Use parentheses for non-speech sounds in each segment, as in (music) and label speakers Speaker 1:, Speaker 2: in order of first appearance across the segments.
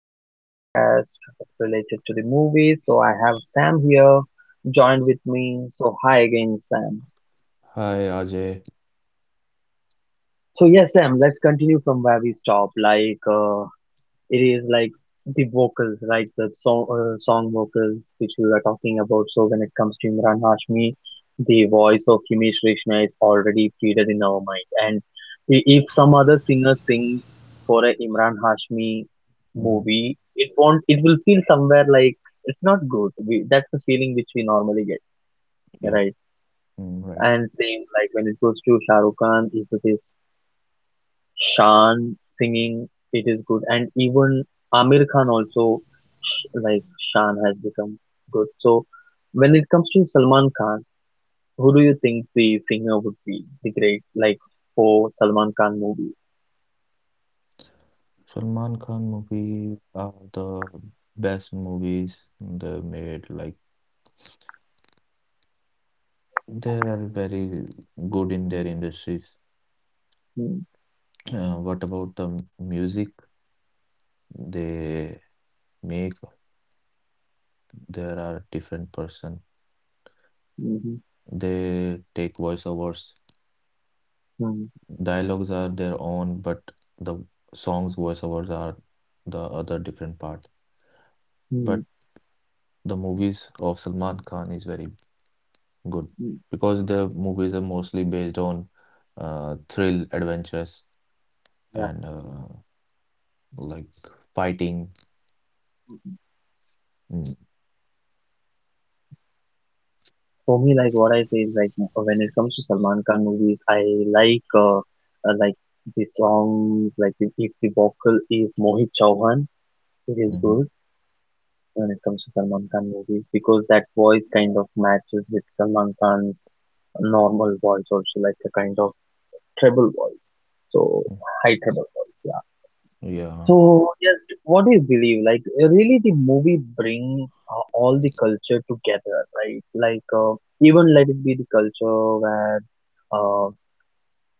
Speaker 1: Previous podcast related to the movie. So, I have Sam here joined with me. So, hi again, Sam.
Speaker 2: Hi Ajay.
Speaker 1: So, yes, Sam, let's continue from where we stopped. It is like the vocals, like the song vocals which we were talking about. So when it comes to Imran Hashmi, the voice of Himesh Reshma is already fitted in our mind. And if some other singer sings for a Imran Hashmi
Speaker 2: Hmm.
Speaker 1: movie, it won't. It will feel somewhere like it's not good. That's the feeling which we normally get,
Speaker 2: Yeah,
Speaker 1: right?
Speaker 2: mm, right.
Speaker 1: And same like when it goes to Shah Rukh Khan, if it is Shaan singing it is good, and even Amir Khan also like Shaan has become good. So when it comes to Salman Khan, who do you think the singer would be the great like for Salman Khan movie?
Speaker 2: Salman Khan movie are the best movies they made. Like they are very good in their industries. What about the music they make? There are different person.
Speaker 1: Mm-hmm.
Speaker 2: They take voiceovers. Dialogues are their own, but the songs voiceovers are the other different part.
Speaker 1: Mm-hmm.
Speaker 2: But the movies of Salman Khan is very good. Because the movies are mostly based on thrill, adventures,
Speaker 1: Yeah.
Speaker 2: and like fighting. Mm,
Speaker 1: For me, like what I say is like when it comes to Salman Khan movies, I like the songs like if the vocal is Mohit Chauhan, it is
Speaker 2: mhm,
Speaker 1: good when it comes to Salman Khan movies because that voice kind of matches with Salman Khan's normal voice also like a kind of treble voice. So
Speaker 2: mm.
Speaker 1: high treble voice, yeah.
Speaker 2: Yeah.
Speaker 1: So just what do you believe? Like, really the movie bring all the culture together, right? Like, even let it be the culture where uh,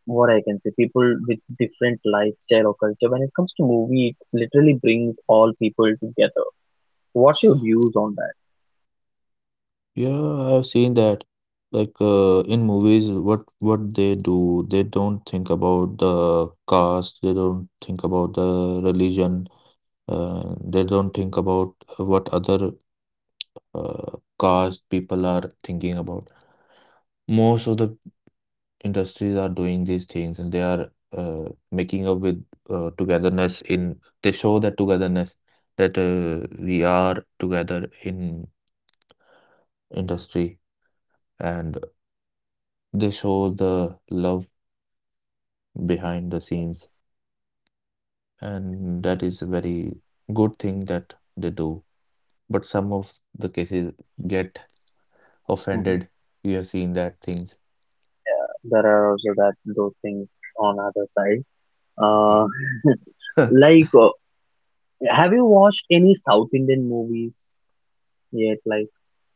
Speaker 1: what I can say, people with different lifestyle or culture. When it comes to movie, it literally brings all people together. What's your views on that?
Speaker 2: Yeah, I've seen that. Like in movies, what they do, they don't think about the caste, they don't think about the religion, they don't think about what other caste people are thinking about. Most of the industries are doing these things and they are uh, making up with togetherness in they show that togetherness that we are together in industry and they show the love behind the
Speaker 1: Yeah.
Speaker 2: scenes, and that is a very good thing that they do, but some of the cases get
Speaker 1: Mm-hmm.
Speaker 2: offended. We have seen that things.
Speaker 1: There are also that those things on other side. Uh, (laughs)
Speaker 2: (laughs)
Speaker 1: like, have you watched any South Indian movies yet? Like,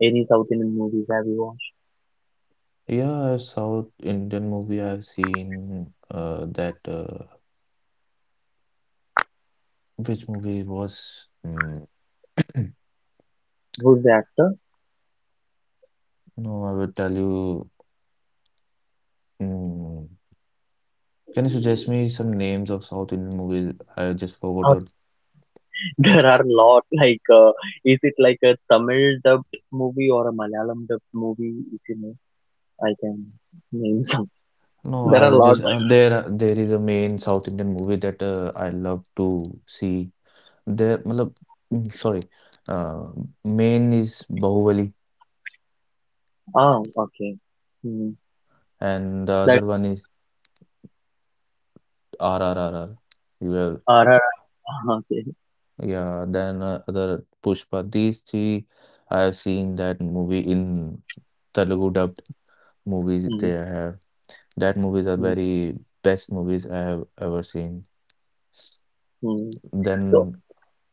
Speaker 1: any South Indian movies have you watched?
Speaker 2: Yeah, a south indian movie I've seen that which movie it was, mm.
Speaker 1: Who's the actor?
Speaker 2: No, I will tell you. Mm, can you suggest me some names of South Indian movies? I just forgot
Speaker 1: Uh,
Speaker 2: it.
Speaker 1: (laughs) there are a lot. Like, is it like a Tamil dubbed movie or a Malayalam dubbed movie? If you know, I can name (laughs) some.
Speaker 2: No,
Speaker 1: There
Speaker 2: I
Speaker 1: are a
Speaker 2: will
Speaker 1: lot.
Speaker 2: just there is a main South Indian movie that I love to see. There, matlab, mm, sorry, uh, main is Bahubali,
Speaker 1: Ah, okay. Hmm.
Speaker 2: and the
Speaker 1: that
Speaker 2: other one is RRRR. You have,
Speaker 1: RRR. (laughs) Okay.
Speaker 2: yeah. Then other Pushpa. These three, I have seen that movie in Telugu dubbed movies
Speaker 1: Hmm.
Speaker 2: they have. That movies are
Speaker 1: Hmm.
Speaker 2: very best movies I have ever seen.
Speaker 1: Mm. So,
Speaker 2: Then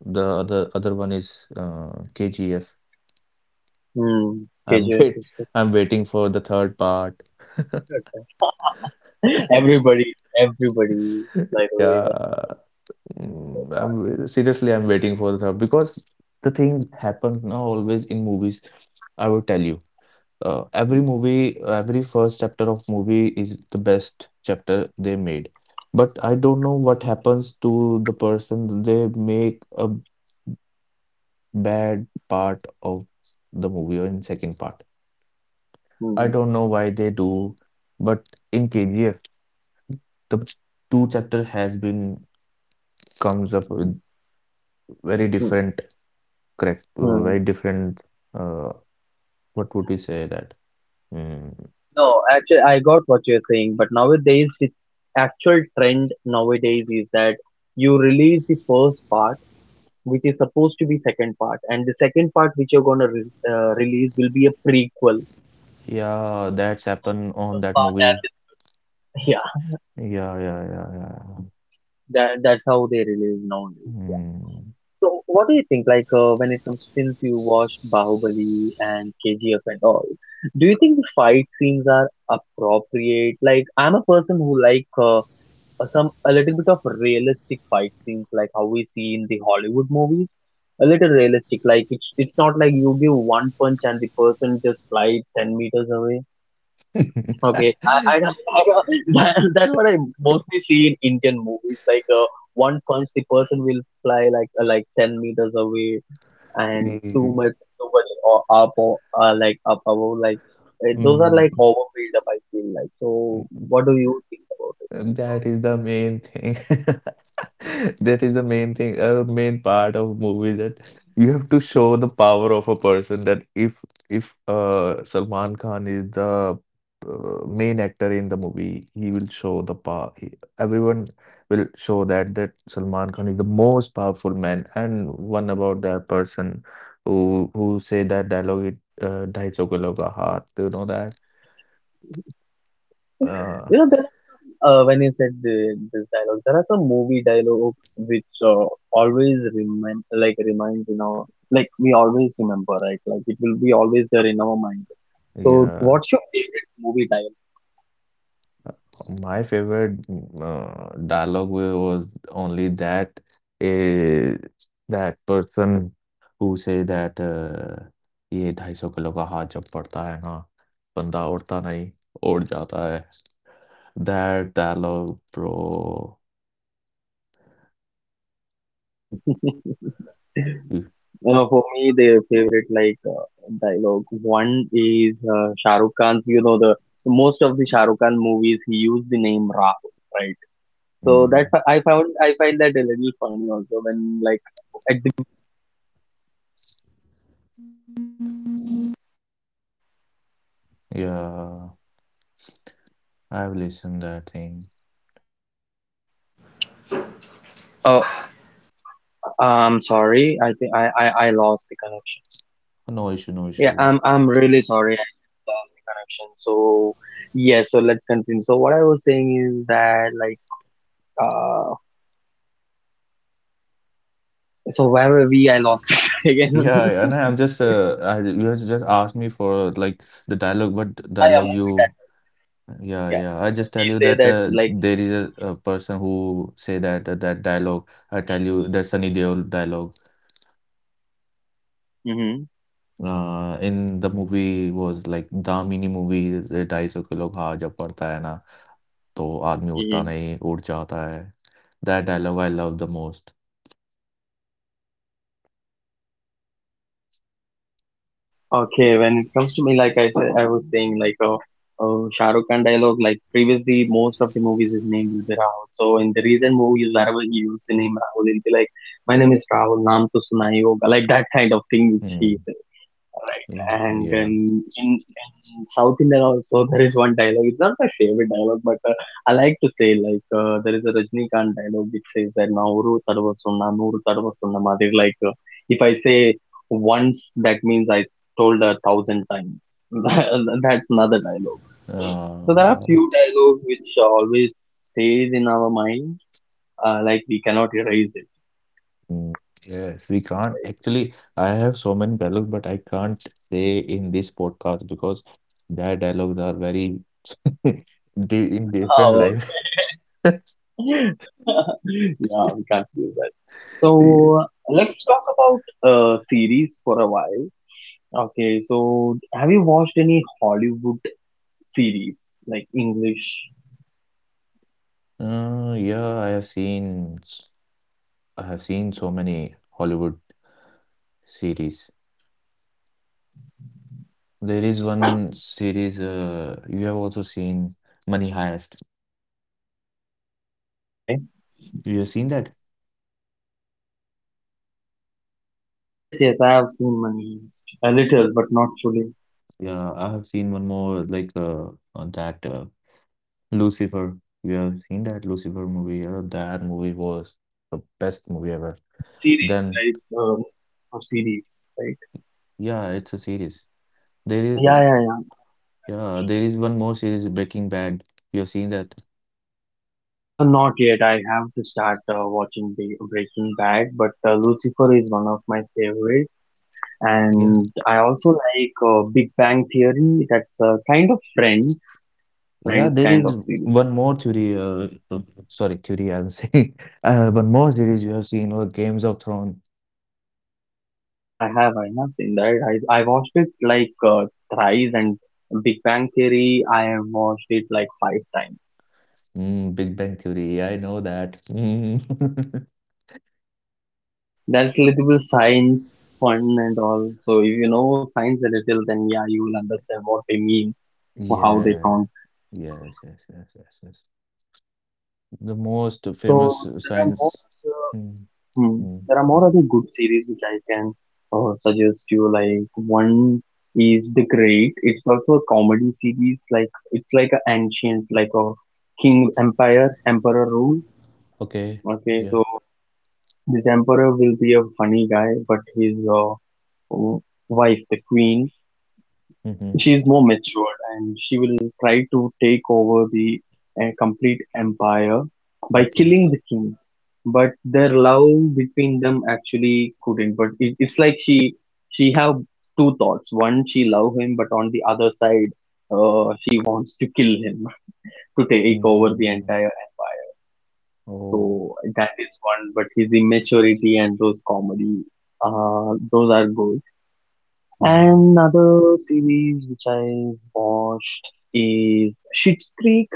Speaker 2: the other one is KGF.
Speaker 1: hmm.
Speaker 2: Am (laughs)
Speaker 1: KGF
Speaker 2: Wait,
Speaker 1: is
Speaker 2: I'm waiting for the third part.
Speaker 1: good. (laughs) Everybody, everybody, by the
Speaker 2: (laughs) Yeah,
Speaker 1: way.
Speaker 2: mm, I'm seriously, I'm waiting for the third because the things happen now always in movies. I will tell you. Every movie, every first chapter of movie is the best chapter they made. But I don't know what happens to the person. They make a bad part of the movie or in second part.
Speaker 1: Hmm,
Speaker 2: I
Speaker 1: hmm,
Speaker 2: don't know why they do, but in KGF, the two chapter has been comes up with very
Speaker 1: hmm.
Speaker 2: different correct,
Speaker 1: Hmm.
Speaker 2: very different, uh what would you say that? Mm.
Speaker 1: No, actually, I got what you're saying, but nowadays the actual trend nowadays is that you release the first part, which is supposed to be second part, and the second part which you're gonna re release will be a prequel.
Speaker 2: Yeah, that's
Speaker 1: Of
Speaker 2: happened
Speaker 1: the
Speaker 2: on
Speaker 1: first
Speaker 2: that
Speaker 1: part,
Speaker 2: movie.
Speaker 1: and yeah,
Speaker 2: Yeah, yeah, yeah,
Speaker 1: that's how they release nowadays. So, what do you think? Like, when it comes since you watched Bahubali and KGF and all, do you think the fight scenes are appropriate? Like, I'm a person who like some a little bit of realistic fight scenes, like how we see in the Hollywood movies. A little realistic, like it's not like you give one punch and the person just fly 10 meters away.
Speaker 2: yeah.
Speaker 1: Okay, I don't- (laughs) that's what I mostly see in Indian movies. Like, one punch, the person will fly like 10 meters away and
Speaker 2: Mm. (laughs)
Speaker 1: too much like up above like those are like
Speaker 2: Mm.
Speaker 1: overbuild up I feel like, so what do you think about it?
Speaker 2: That is the main thing. (laughs) (laughs) That is the main thing, main part of movie that you have to show the power of a person that if Salman Khan is the main actor in the movie, he will show the power. He, everyone will show that Salman Khan is the most powerful man. And one about that person who say that dialogue, it, ढाई सौ kilo का हाथ, you know that? Uh,
Speaker 1: You know that when you said this dialogue there are some movie dialogues which always remind like reminds in our like we always remember, right? Like it will be always there in our mind. So
Speaker 2: yeah.
Speaker 1: what's your favorite movie
Speaker 2: My favorite dialogue was only that, eh, that person who say that, ये ढाई सौ kilo का हाथ जब पड़ता है ना बंदा उड़ता नहीं उड़ जाता है, that dialogue, bro.
Speaker 1: dialogue? Hmm.
Speaker 2: You-
Speaker 1: For me, their favorite like, dialogue one is Shah Rukh Khan's. You know the most of the Shah Rukh Khan movies he used the name Rahul, right? So that
Speaker 2: mm,
Speaker 1: I find that
Speaker 2: yeah, I've listened that thing. No issue, no issue.
Speaker 1: I'm really sorry, I just lost the connection. So yeah, so let's continue. So what I was saying is that like uh so where we? I lost (laughs) it again.
Speaker 2: Yeah, yeah, and I'm just you just asked me for like the dialogue, what
Speaker 1: Ah, yeah,
Speaker 2: dialogue you,
Speaker 1: movie title.
Speaker 2: yeah,
Speaker 1: Yeah.
Speaker 2: yeah. I
Speaker 1: So
Speaker 2: just tell
Speaker 1: he
Speaker 2: you
Speaker 1: say
Speaker 2: that
Speaker 1: that like,
Speaker 2: there is a person who say that, that dialogue. I tell you that Sunny Deol dialogue. In the movie was like Damini movie ढाई सौ kilo घाव जब पड़ता है ना तो आदमी उठता
Speaker 1: mm-hmm.
Speaker 2: नहीं उठ जाता है, that dialogue I love the most.
Speaker 1: Okay, when it comes to me, like I said, I was saying, like, Shah Rukh Khan dialogue, like previously, most of the movies his name will be Rahul. So in the recent movies, wherever he used the name Rahul, he'll be like, "My name is Rahul, naam sunayi hoga," like that kind of thing which he
Speaker 2: Hmm.
Speaker 1: says. Right.
Speaker 2: Yeah,
Speaker 1: And
Speaker 2: yeah,
Speaker 1: then in South India also (laughs) there is one dialogue. It's not my favorite dialogue, but I like to say like, there is a Rajnikant dialogue which says that Nauru Tarvasuna, Nuru Tarvasuna Madir. Like, if I say once, that means I told 1,000 times. (laughs) That's another dialogue. So there are
Speaker 2: uh,
Speaker 1: few dialogues which always stays in our mind, like we cannot erase it.
Speaker 2: mm, yes we can't actually. I have so many dialogues but I can't say in this podcast because their dialogues are very (laughs) the in different
Speaker 1: Oh,
Speaker 2: life. (laughs)
Speaker 1: (laughs) yeah, we can't do that.
Speaker 2: Yeah.
Speaker 1: So let's talk about series for a while. Okay, so have you watched any Hollywood series like English?
Speaker 2: Yeah, I have seen so many Hollywood series. There is one series, you have also seen Money Heist.
Speaker 1: Okay.
Speaker 2: You have seen that?
Speaker 1: Yes, yes, I have seen Money Heist. A little, but not fully.
Speaker 2: Yeah, I have seen one more like, on that, Lucifer. You have seen that Lucifer movie? Yeah, that movie was the best movie ever.
Speaker 1: Series,
Speaker 2: Then
Speaker 1: right? Or series, right?
Speaker 2: yeah, it's a series. There is
Speaker 1: Yeah, yeah, yeah.
Speaker 2: Yeah, there is one more series, Breaking Bad. You have seen that?
Speaker 1: Not yet. I have to start watching Breaking Bad, but Lucifer is one of my favorite,
Speaker 2: Yeah,
Speaker 1: and I also like Big Bang Theory. That's kind of Friends.
Speaker 2: yeah,
Speaker 1: Friends
Speaker 2: there
Speaker 1: kind
Speaker 2: is
Speaker 1: of series.
Speaker 2: one more theory. Sorry, theory. I was saying (laughs) one more series you have seen, or Games of Thrones,
Speaker 1: Yeah, I have. I have seen that. I watched it like thrice, and Big Bang Theory. I have watched it like 5 times.
Speaker 2: mm, Big Bang Theory. I know that. Mm. (laughs)
Speaker 1: That's little bit science fun and all. So if you know science a little, then yeah, you will understand what they mean or how they
Speaker 2: Yeah,
Speaker 1: count.
Speaker 2: yes, yes, yes, yes, yes. The most famous
Speaker 1: So there are more.
Speaker 2: science.
Speaker 1: uh,
Speaker 2: Mm,
Speaker 1: Hmm.
Speaker 2: mm,
Speaker 1: There are more other
Speaker 2: mm.
Speaker 1: good series which I can suggest you. Like one is The Great. It's also a comedy series. Like it's like an ancient, like a king empire, emperor rule.
Speaker 2: Okay,
Speaker 1: Okay, so
Speaker 2: yeah.
Speaker 1: this emperor will be a funny guy, but his w- wife, the queen,
Speaker 2: Mm-hmm.
Speaker 1: she is more matured and she will try to take over the complete empire by
Speaker 2: Okay.
Speaker 1: killing the king, but their love between them actually couldn't, but it's like she have two thoughts. One she love him, but on the other side she wants to kill him (laughs) to take over the
Speaker 2: Mm.
Speaker 1: entire empire.
Speaker 2: Oh,
Speaker 1: So that is one, but his immaturity and those comedy, those are good.
Speaker 2: mm.
Speaker 1: And another series which I watched is Schitt's Creek,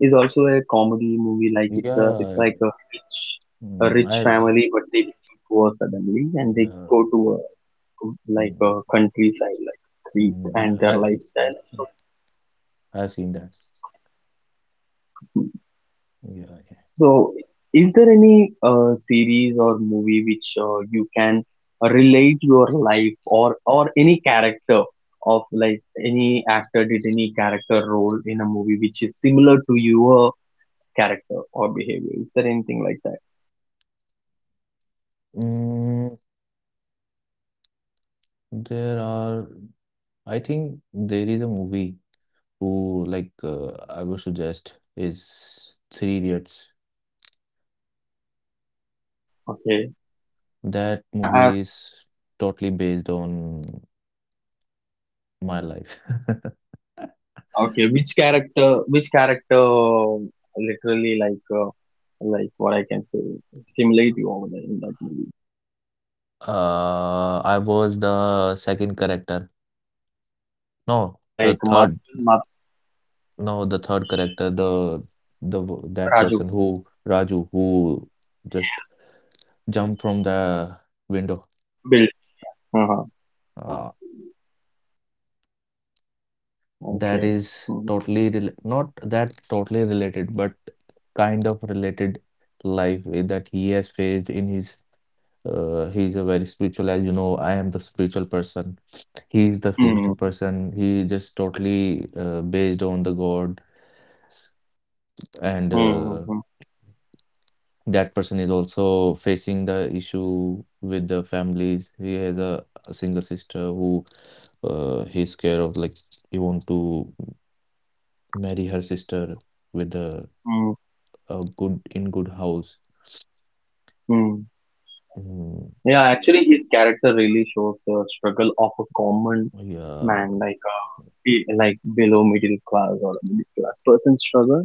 Speaker 1: is also a comedy movie. Like it's
Speaker 2: Yeah.
Speaker 1: like a
Speaker 2: Mm,
Speaker 1: rich
Speaker 2: I.
Speaker 1: family, but they become poor suddenly, and they
Speaker 2: Yeah.
Speaker 1: go to a like
Speaker 2: Mm,
Speaker 1: a countryside like creek,
Speaker 2: mm,
Speaker 1: and their
Speaker 2: I.
Speaker 1: lifestyle.
Speaker 2: Hmm.
Speaker 1: So
Speaker 2: I've seen that. Yeah, yeah.
Speaker 1: So, is there any series or movie which you can relate your life, or any character of, like, any actor did any character role in a movie which is similar to your character or behavior? Is there anything like that?
Speaker 2: Mm, there are, I think there is a movie who, like I would suggest, is Three Idiots.
Speaker 1: Okay.
Speaker 2: That
Speaker 1: I
Speaker 2: movie
Speaker 1: ask,
Speaker 2: is totally based on my life. (laughs)
Speaker 1: okay, which character literally like, like what I can say simulate you over there in that movie?
Speaker 2: I was the second character. No, the
Speaker 1: Like
Speaker 2: third.
Speaker 1: Madhu, Madhu,
Speaker 2: No, the third character. The that
Speaker 1: Raju,
Speaker 2: person who Raju who just jumped from the window.
Speaker 1: Bill. Uh-huh.
Speaker 2: Uh, that
Speaker 1: Okay.
Speaker 2: is
Speaker 1: Mhm.
Speaker 2: totally not that totally related but kind of related life way that he has faced in his, he's a very spiritual, as you know I am the spiritual person, he is the spiritual
Speaker 1: Mhm.
Speaker 2: person, he is just totally based on the God, and
Speaker 1: Mhm.
Speaker 2: that person is also facing the issue with the families, he has a single sister who, he's care of, like he want to marry her sister with the
Speaker 1: Mhm.
Speaker 2: a good in good house.
Speaker 1: Mhm.
Speaker 2: Mm,
Speaker 1: Yeah, actually, his character really shows the struggle of a common
Speaker 2: yeah,
Speaker 1: man, like like below middle class or a middle class person struggle.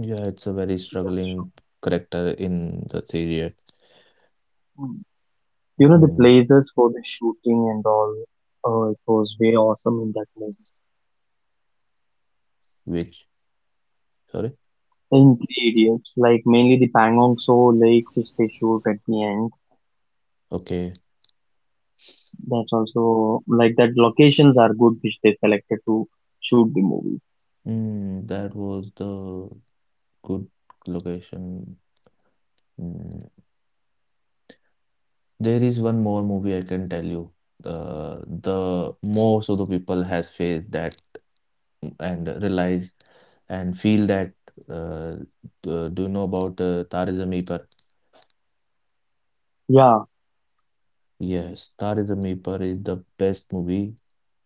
Speaker 2: yeah, it's a very struggling character in the serial.
Speaker 1: Mm. You know, the
Speaker 2: Mhm,
Speaker 1: places for the shooting and all, it was very awesome in that movie.
Speaker 2: which, sorry,
Speaker 1: In Three Idiots, like mainly the Pangong So Lake, which they shoot at the end.
Speaker 2: okay,
Speaker 1: That's also like that locations are good, which they selected to shoot the movie.
Speaker 2: mm, that was the good location. Mm, there is one more movie I can tell you. Uh, the most of the people has faced that and realize and feel that. Uh, do you know about, Taare Zameen Par?
Speaker 1: Yeah.
Speaker 2: Yes, Taare Zameen Par is the best movie,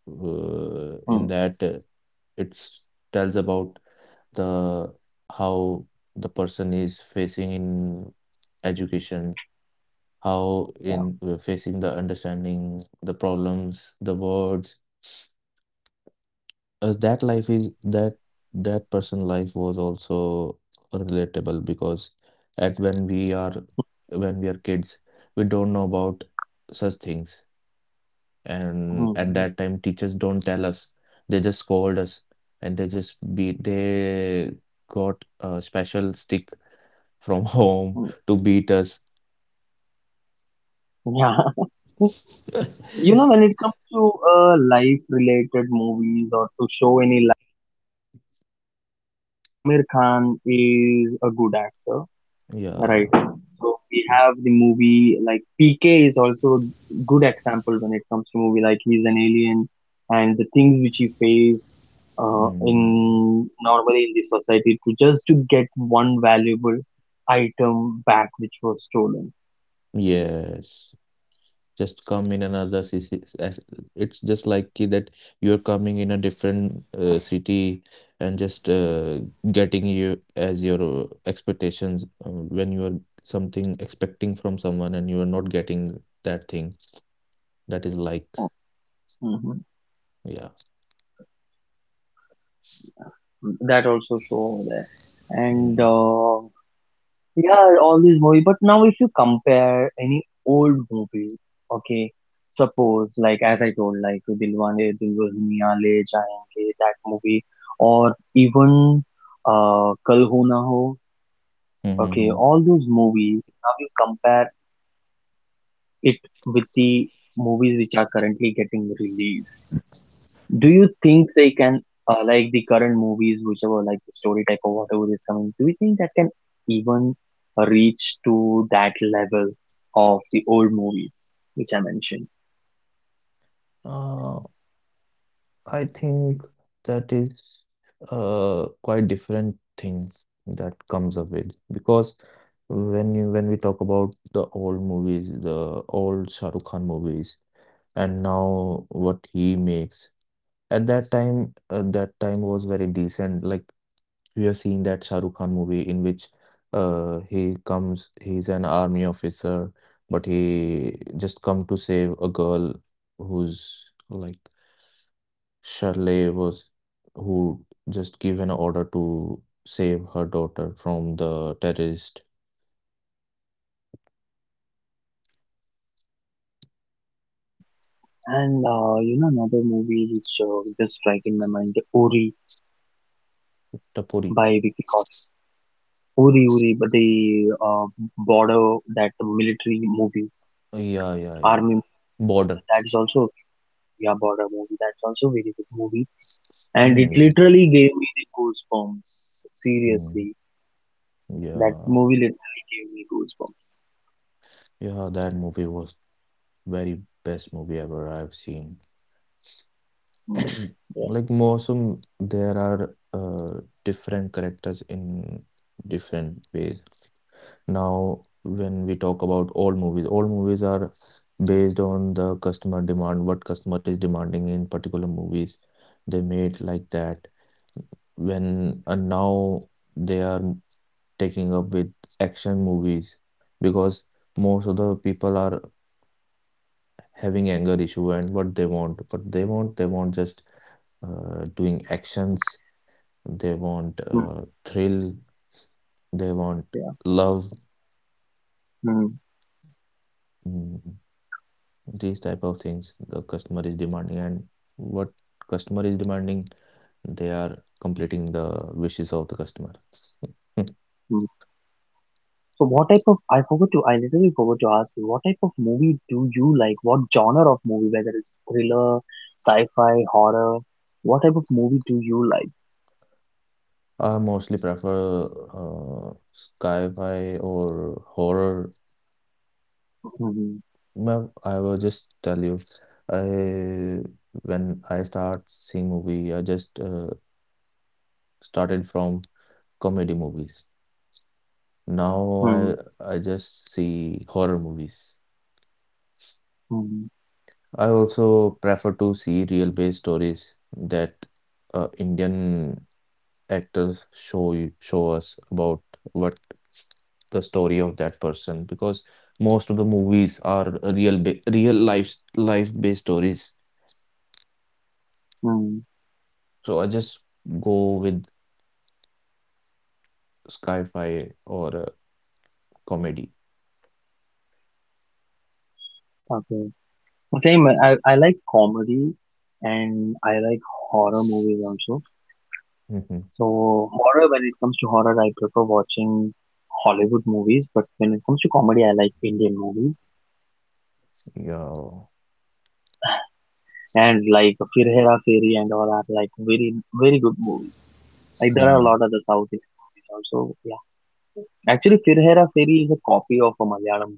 Speaker 2: in
Speaker 1: Mm.
Speaker 2: that, it's tells about the how the person is facing in education, how
Speaker 1: Yeah.
Speaker 2: in, facing the understanding the problems the words, that life is that, that person life was also relatable because at when we are kids we don't know about such things, and at
Speaker 1: Mhm,
Speaker 2: that time teachers don't tell us, they just scold us and they just beat, they got a special stick from (laughs) home
Speaker 1: mm,
Speaker 2: to beat us.
Speaker 1: yeah. (laughs) You
Speaker 2: (laughs)
Speaker 1: know, when it comes to life-related movies or to show Aamir Khan is a good actor, right?
Speaker 2: Yeah.
Speaker 1: So we have the movie like PK is also a good example when it comes to movie like he's an alien and the things which he face
Speaker 2: Mm,
Speaker 1: in normally in the society to just to get one valuable item back which was stolen.
Speaker 2: yes, just come in another city it's just like ki that you're coming in a different city and just getting you as your expectations, when you are something expecting from someone and you are not getting that thing. That is like,
Speaker 1: Mhm.
Speaker 2: yeah.
Speaker 1: That also show over there. And
Speaker 2: Mm.
Speaker 1: yeah, all these movies. But now, if you compare any old movie, okay, suppose like as I told, like Dilwane Dulhaniya Le Jayenge, that movie, or even Kal Ho Na Ho, okay,
Speaker 2: Mm-hmm.
Speaker 1: all those movies. Now you compare it with the movies which are currently getting released. Do you think they can, like the current movies, whichever, like the story type whatever is coming, do you think that can even reach to that level of the old movies, which I mentioned?
Speaker 2: Uh, I think that is quite different thing that comes up with, because when we talk about the old movies, the old Shah Rukh Khan movies, and now what he makes at that time was very decent. Like we have seen that Shah Rukh Khan movie in which, he comes, he's an army officer, but he just come to save a girl who's like Shirley was, who just give an order to save her daughter from the terrorist.
Speaker 1: Mm. And you know another movie which just strike in my mind, Uri
Speaker 2: Tapori.
Speaker 1: by Vicky Kaushal. Uri, but the border, that military movie,
Speaker 2: Yeah, yeah, yeah.
Speaker 1: army movie,
Speaker 2: Border.
Speaker 1: that is also a, yeah, border movie. That's also a very good movie. And it
Speaker 2: Hmm.
Speaker 1: literally gave me the goosebumps.
Speaker 2: Hmm.
Speaker 1: Seriously, that
Speaker 2: Yeah.
Speaker 1: movie literally gave me goosebumps.
Speaker 2: Yeah, that movie was very best movie ever I've seen.
Speaker 1: Mm,
Speaker 2: (clears throat)
Speaker 1: yeah,
Speaker 2: Like Mosum, there are different characters in different ways. Now, when we talk about all movies are based on the customer demand, what customer is demanding in particular movies. They made like that. When and now they are taking up with action movies because most of the people are having anger issue, and what they want just, doing actions, they want,
Speaker 1: mm,
Speaker 2: thrill, they want
Speaker 1: yeah.
Speaker 2: love,
Speaker 1: Mm,
Speaker 2: mm, these type of things the customer is demanding, and what customer is demanding, they are completing the wishes of the customer. (laughs) Hmm.
Speaker 1: mm. So, what type of? I forgot to. I literally forgot to ask you. What type of movie do you like? What genre of movie? Whether it's thriller, sci-fi, horror. What type of movie do you like?
Speaker 2: I mostly prefer sci-fi or horror.
Speaker 1: Mm-hmm.
Speaker 2: Well, I will just tell you, I when I start seeing movie, I just started from comedy movies. Now I
Speaker 1: Mm-hmm.
Speaker 2: I just see horror movies.
Speaker 1: Mm-hmm.
Speaker 2: I also prefer to see real-based stories that, Indian actors show you, show us about what the story of that person, because most of the movies are real life based stories.
Speaker 1: Mm.
Speaker 2: So I just go with sci-fi or comedy.
Speaker 1: Okay. Same. I like comedy, and I like horror movies also.
Speaker 2: Hmm.
Speaker 1: So horror, when it comes to horror, I prefer watching Hollywood movies, but when it comes to comedy, I like Indian movies,
Speaker 2: Yeah.
Speaker 1: and like Fir Hera Fairy and all are like very very good movies. Like there are a
Speaker 2: Hmm.
Speaker 1: lot of the South Indian movies also. Yeah, actually, Fir Hera Fairy is a copy of a Malayalam.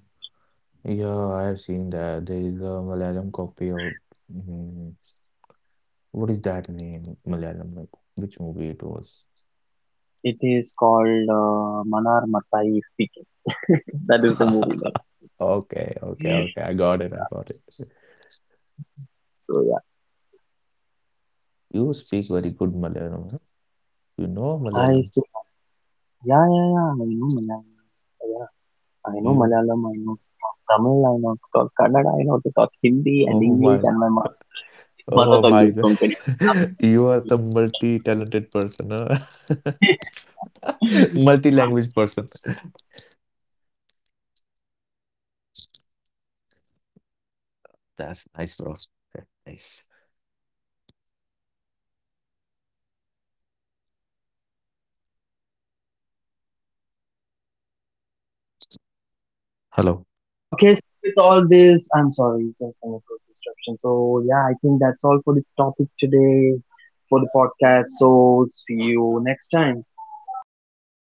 Speaker 2: Yeah, I have seen that. There is a Malayalam copy of. Hmm, what is that name? Malayalam? Like, which movie it was?
Speaker 1: It is called Manar Mattai Speaking. That is the movie name.
Speaker 2: (laughs) Okay, okay, okay. I got it. I got it.
Speaker 1: So
Speaker 2: You speak very good Malayalam, huh? You know
Speaker 1: yeah, I
Speaker 2: Malayalam.
Speaker 1: speak. Yeah, yeah, yeah. I know Malayalam. Yeah, I know
Speaker 2: You,
Speaker 1: Malayalam. I know Tamil, I know to talk Kannada, I know to talk Hindi and
Speaker 2: oh my,
Speaker 1: English, and my mother
Speaker 2: oh
Speaker 1: tongue
Speaker 2: my
Speaker 1: is
Speaker 2: God.
Speaker 1: Konkani
Speaker 2: (laughs) You are
Speaker 1: only.
Speaker 2: the multi-talented person, huh? (laughs)
Speaker 1: (laughs)
Speaker 2: Multi-language person. That's nice, bro. That's nice. Hello.
Speaker 1: Okay, so with all this, I'm sorry, just a network disruption. So yeah, I think that's all for the topic today for the podcast. So see you next time.
Speaker 2: Yeah,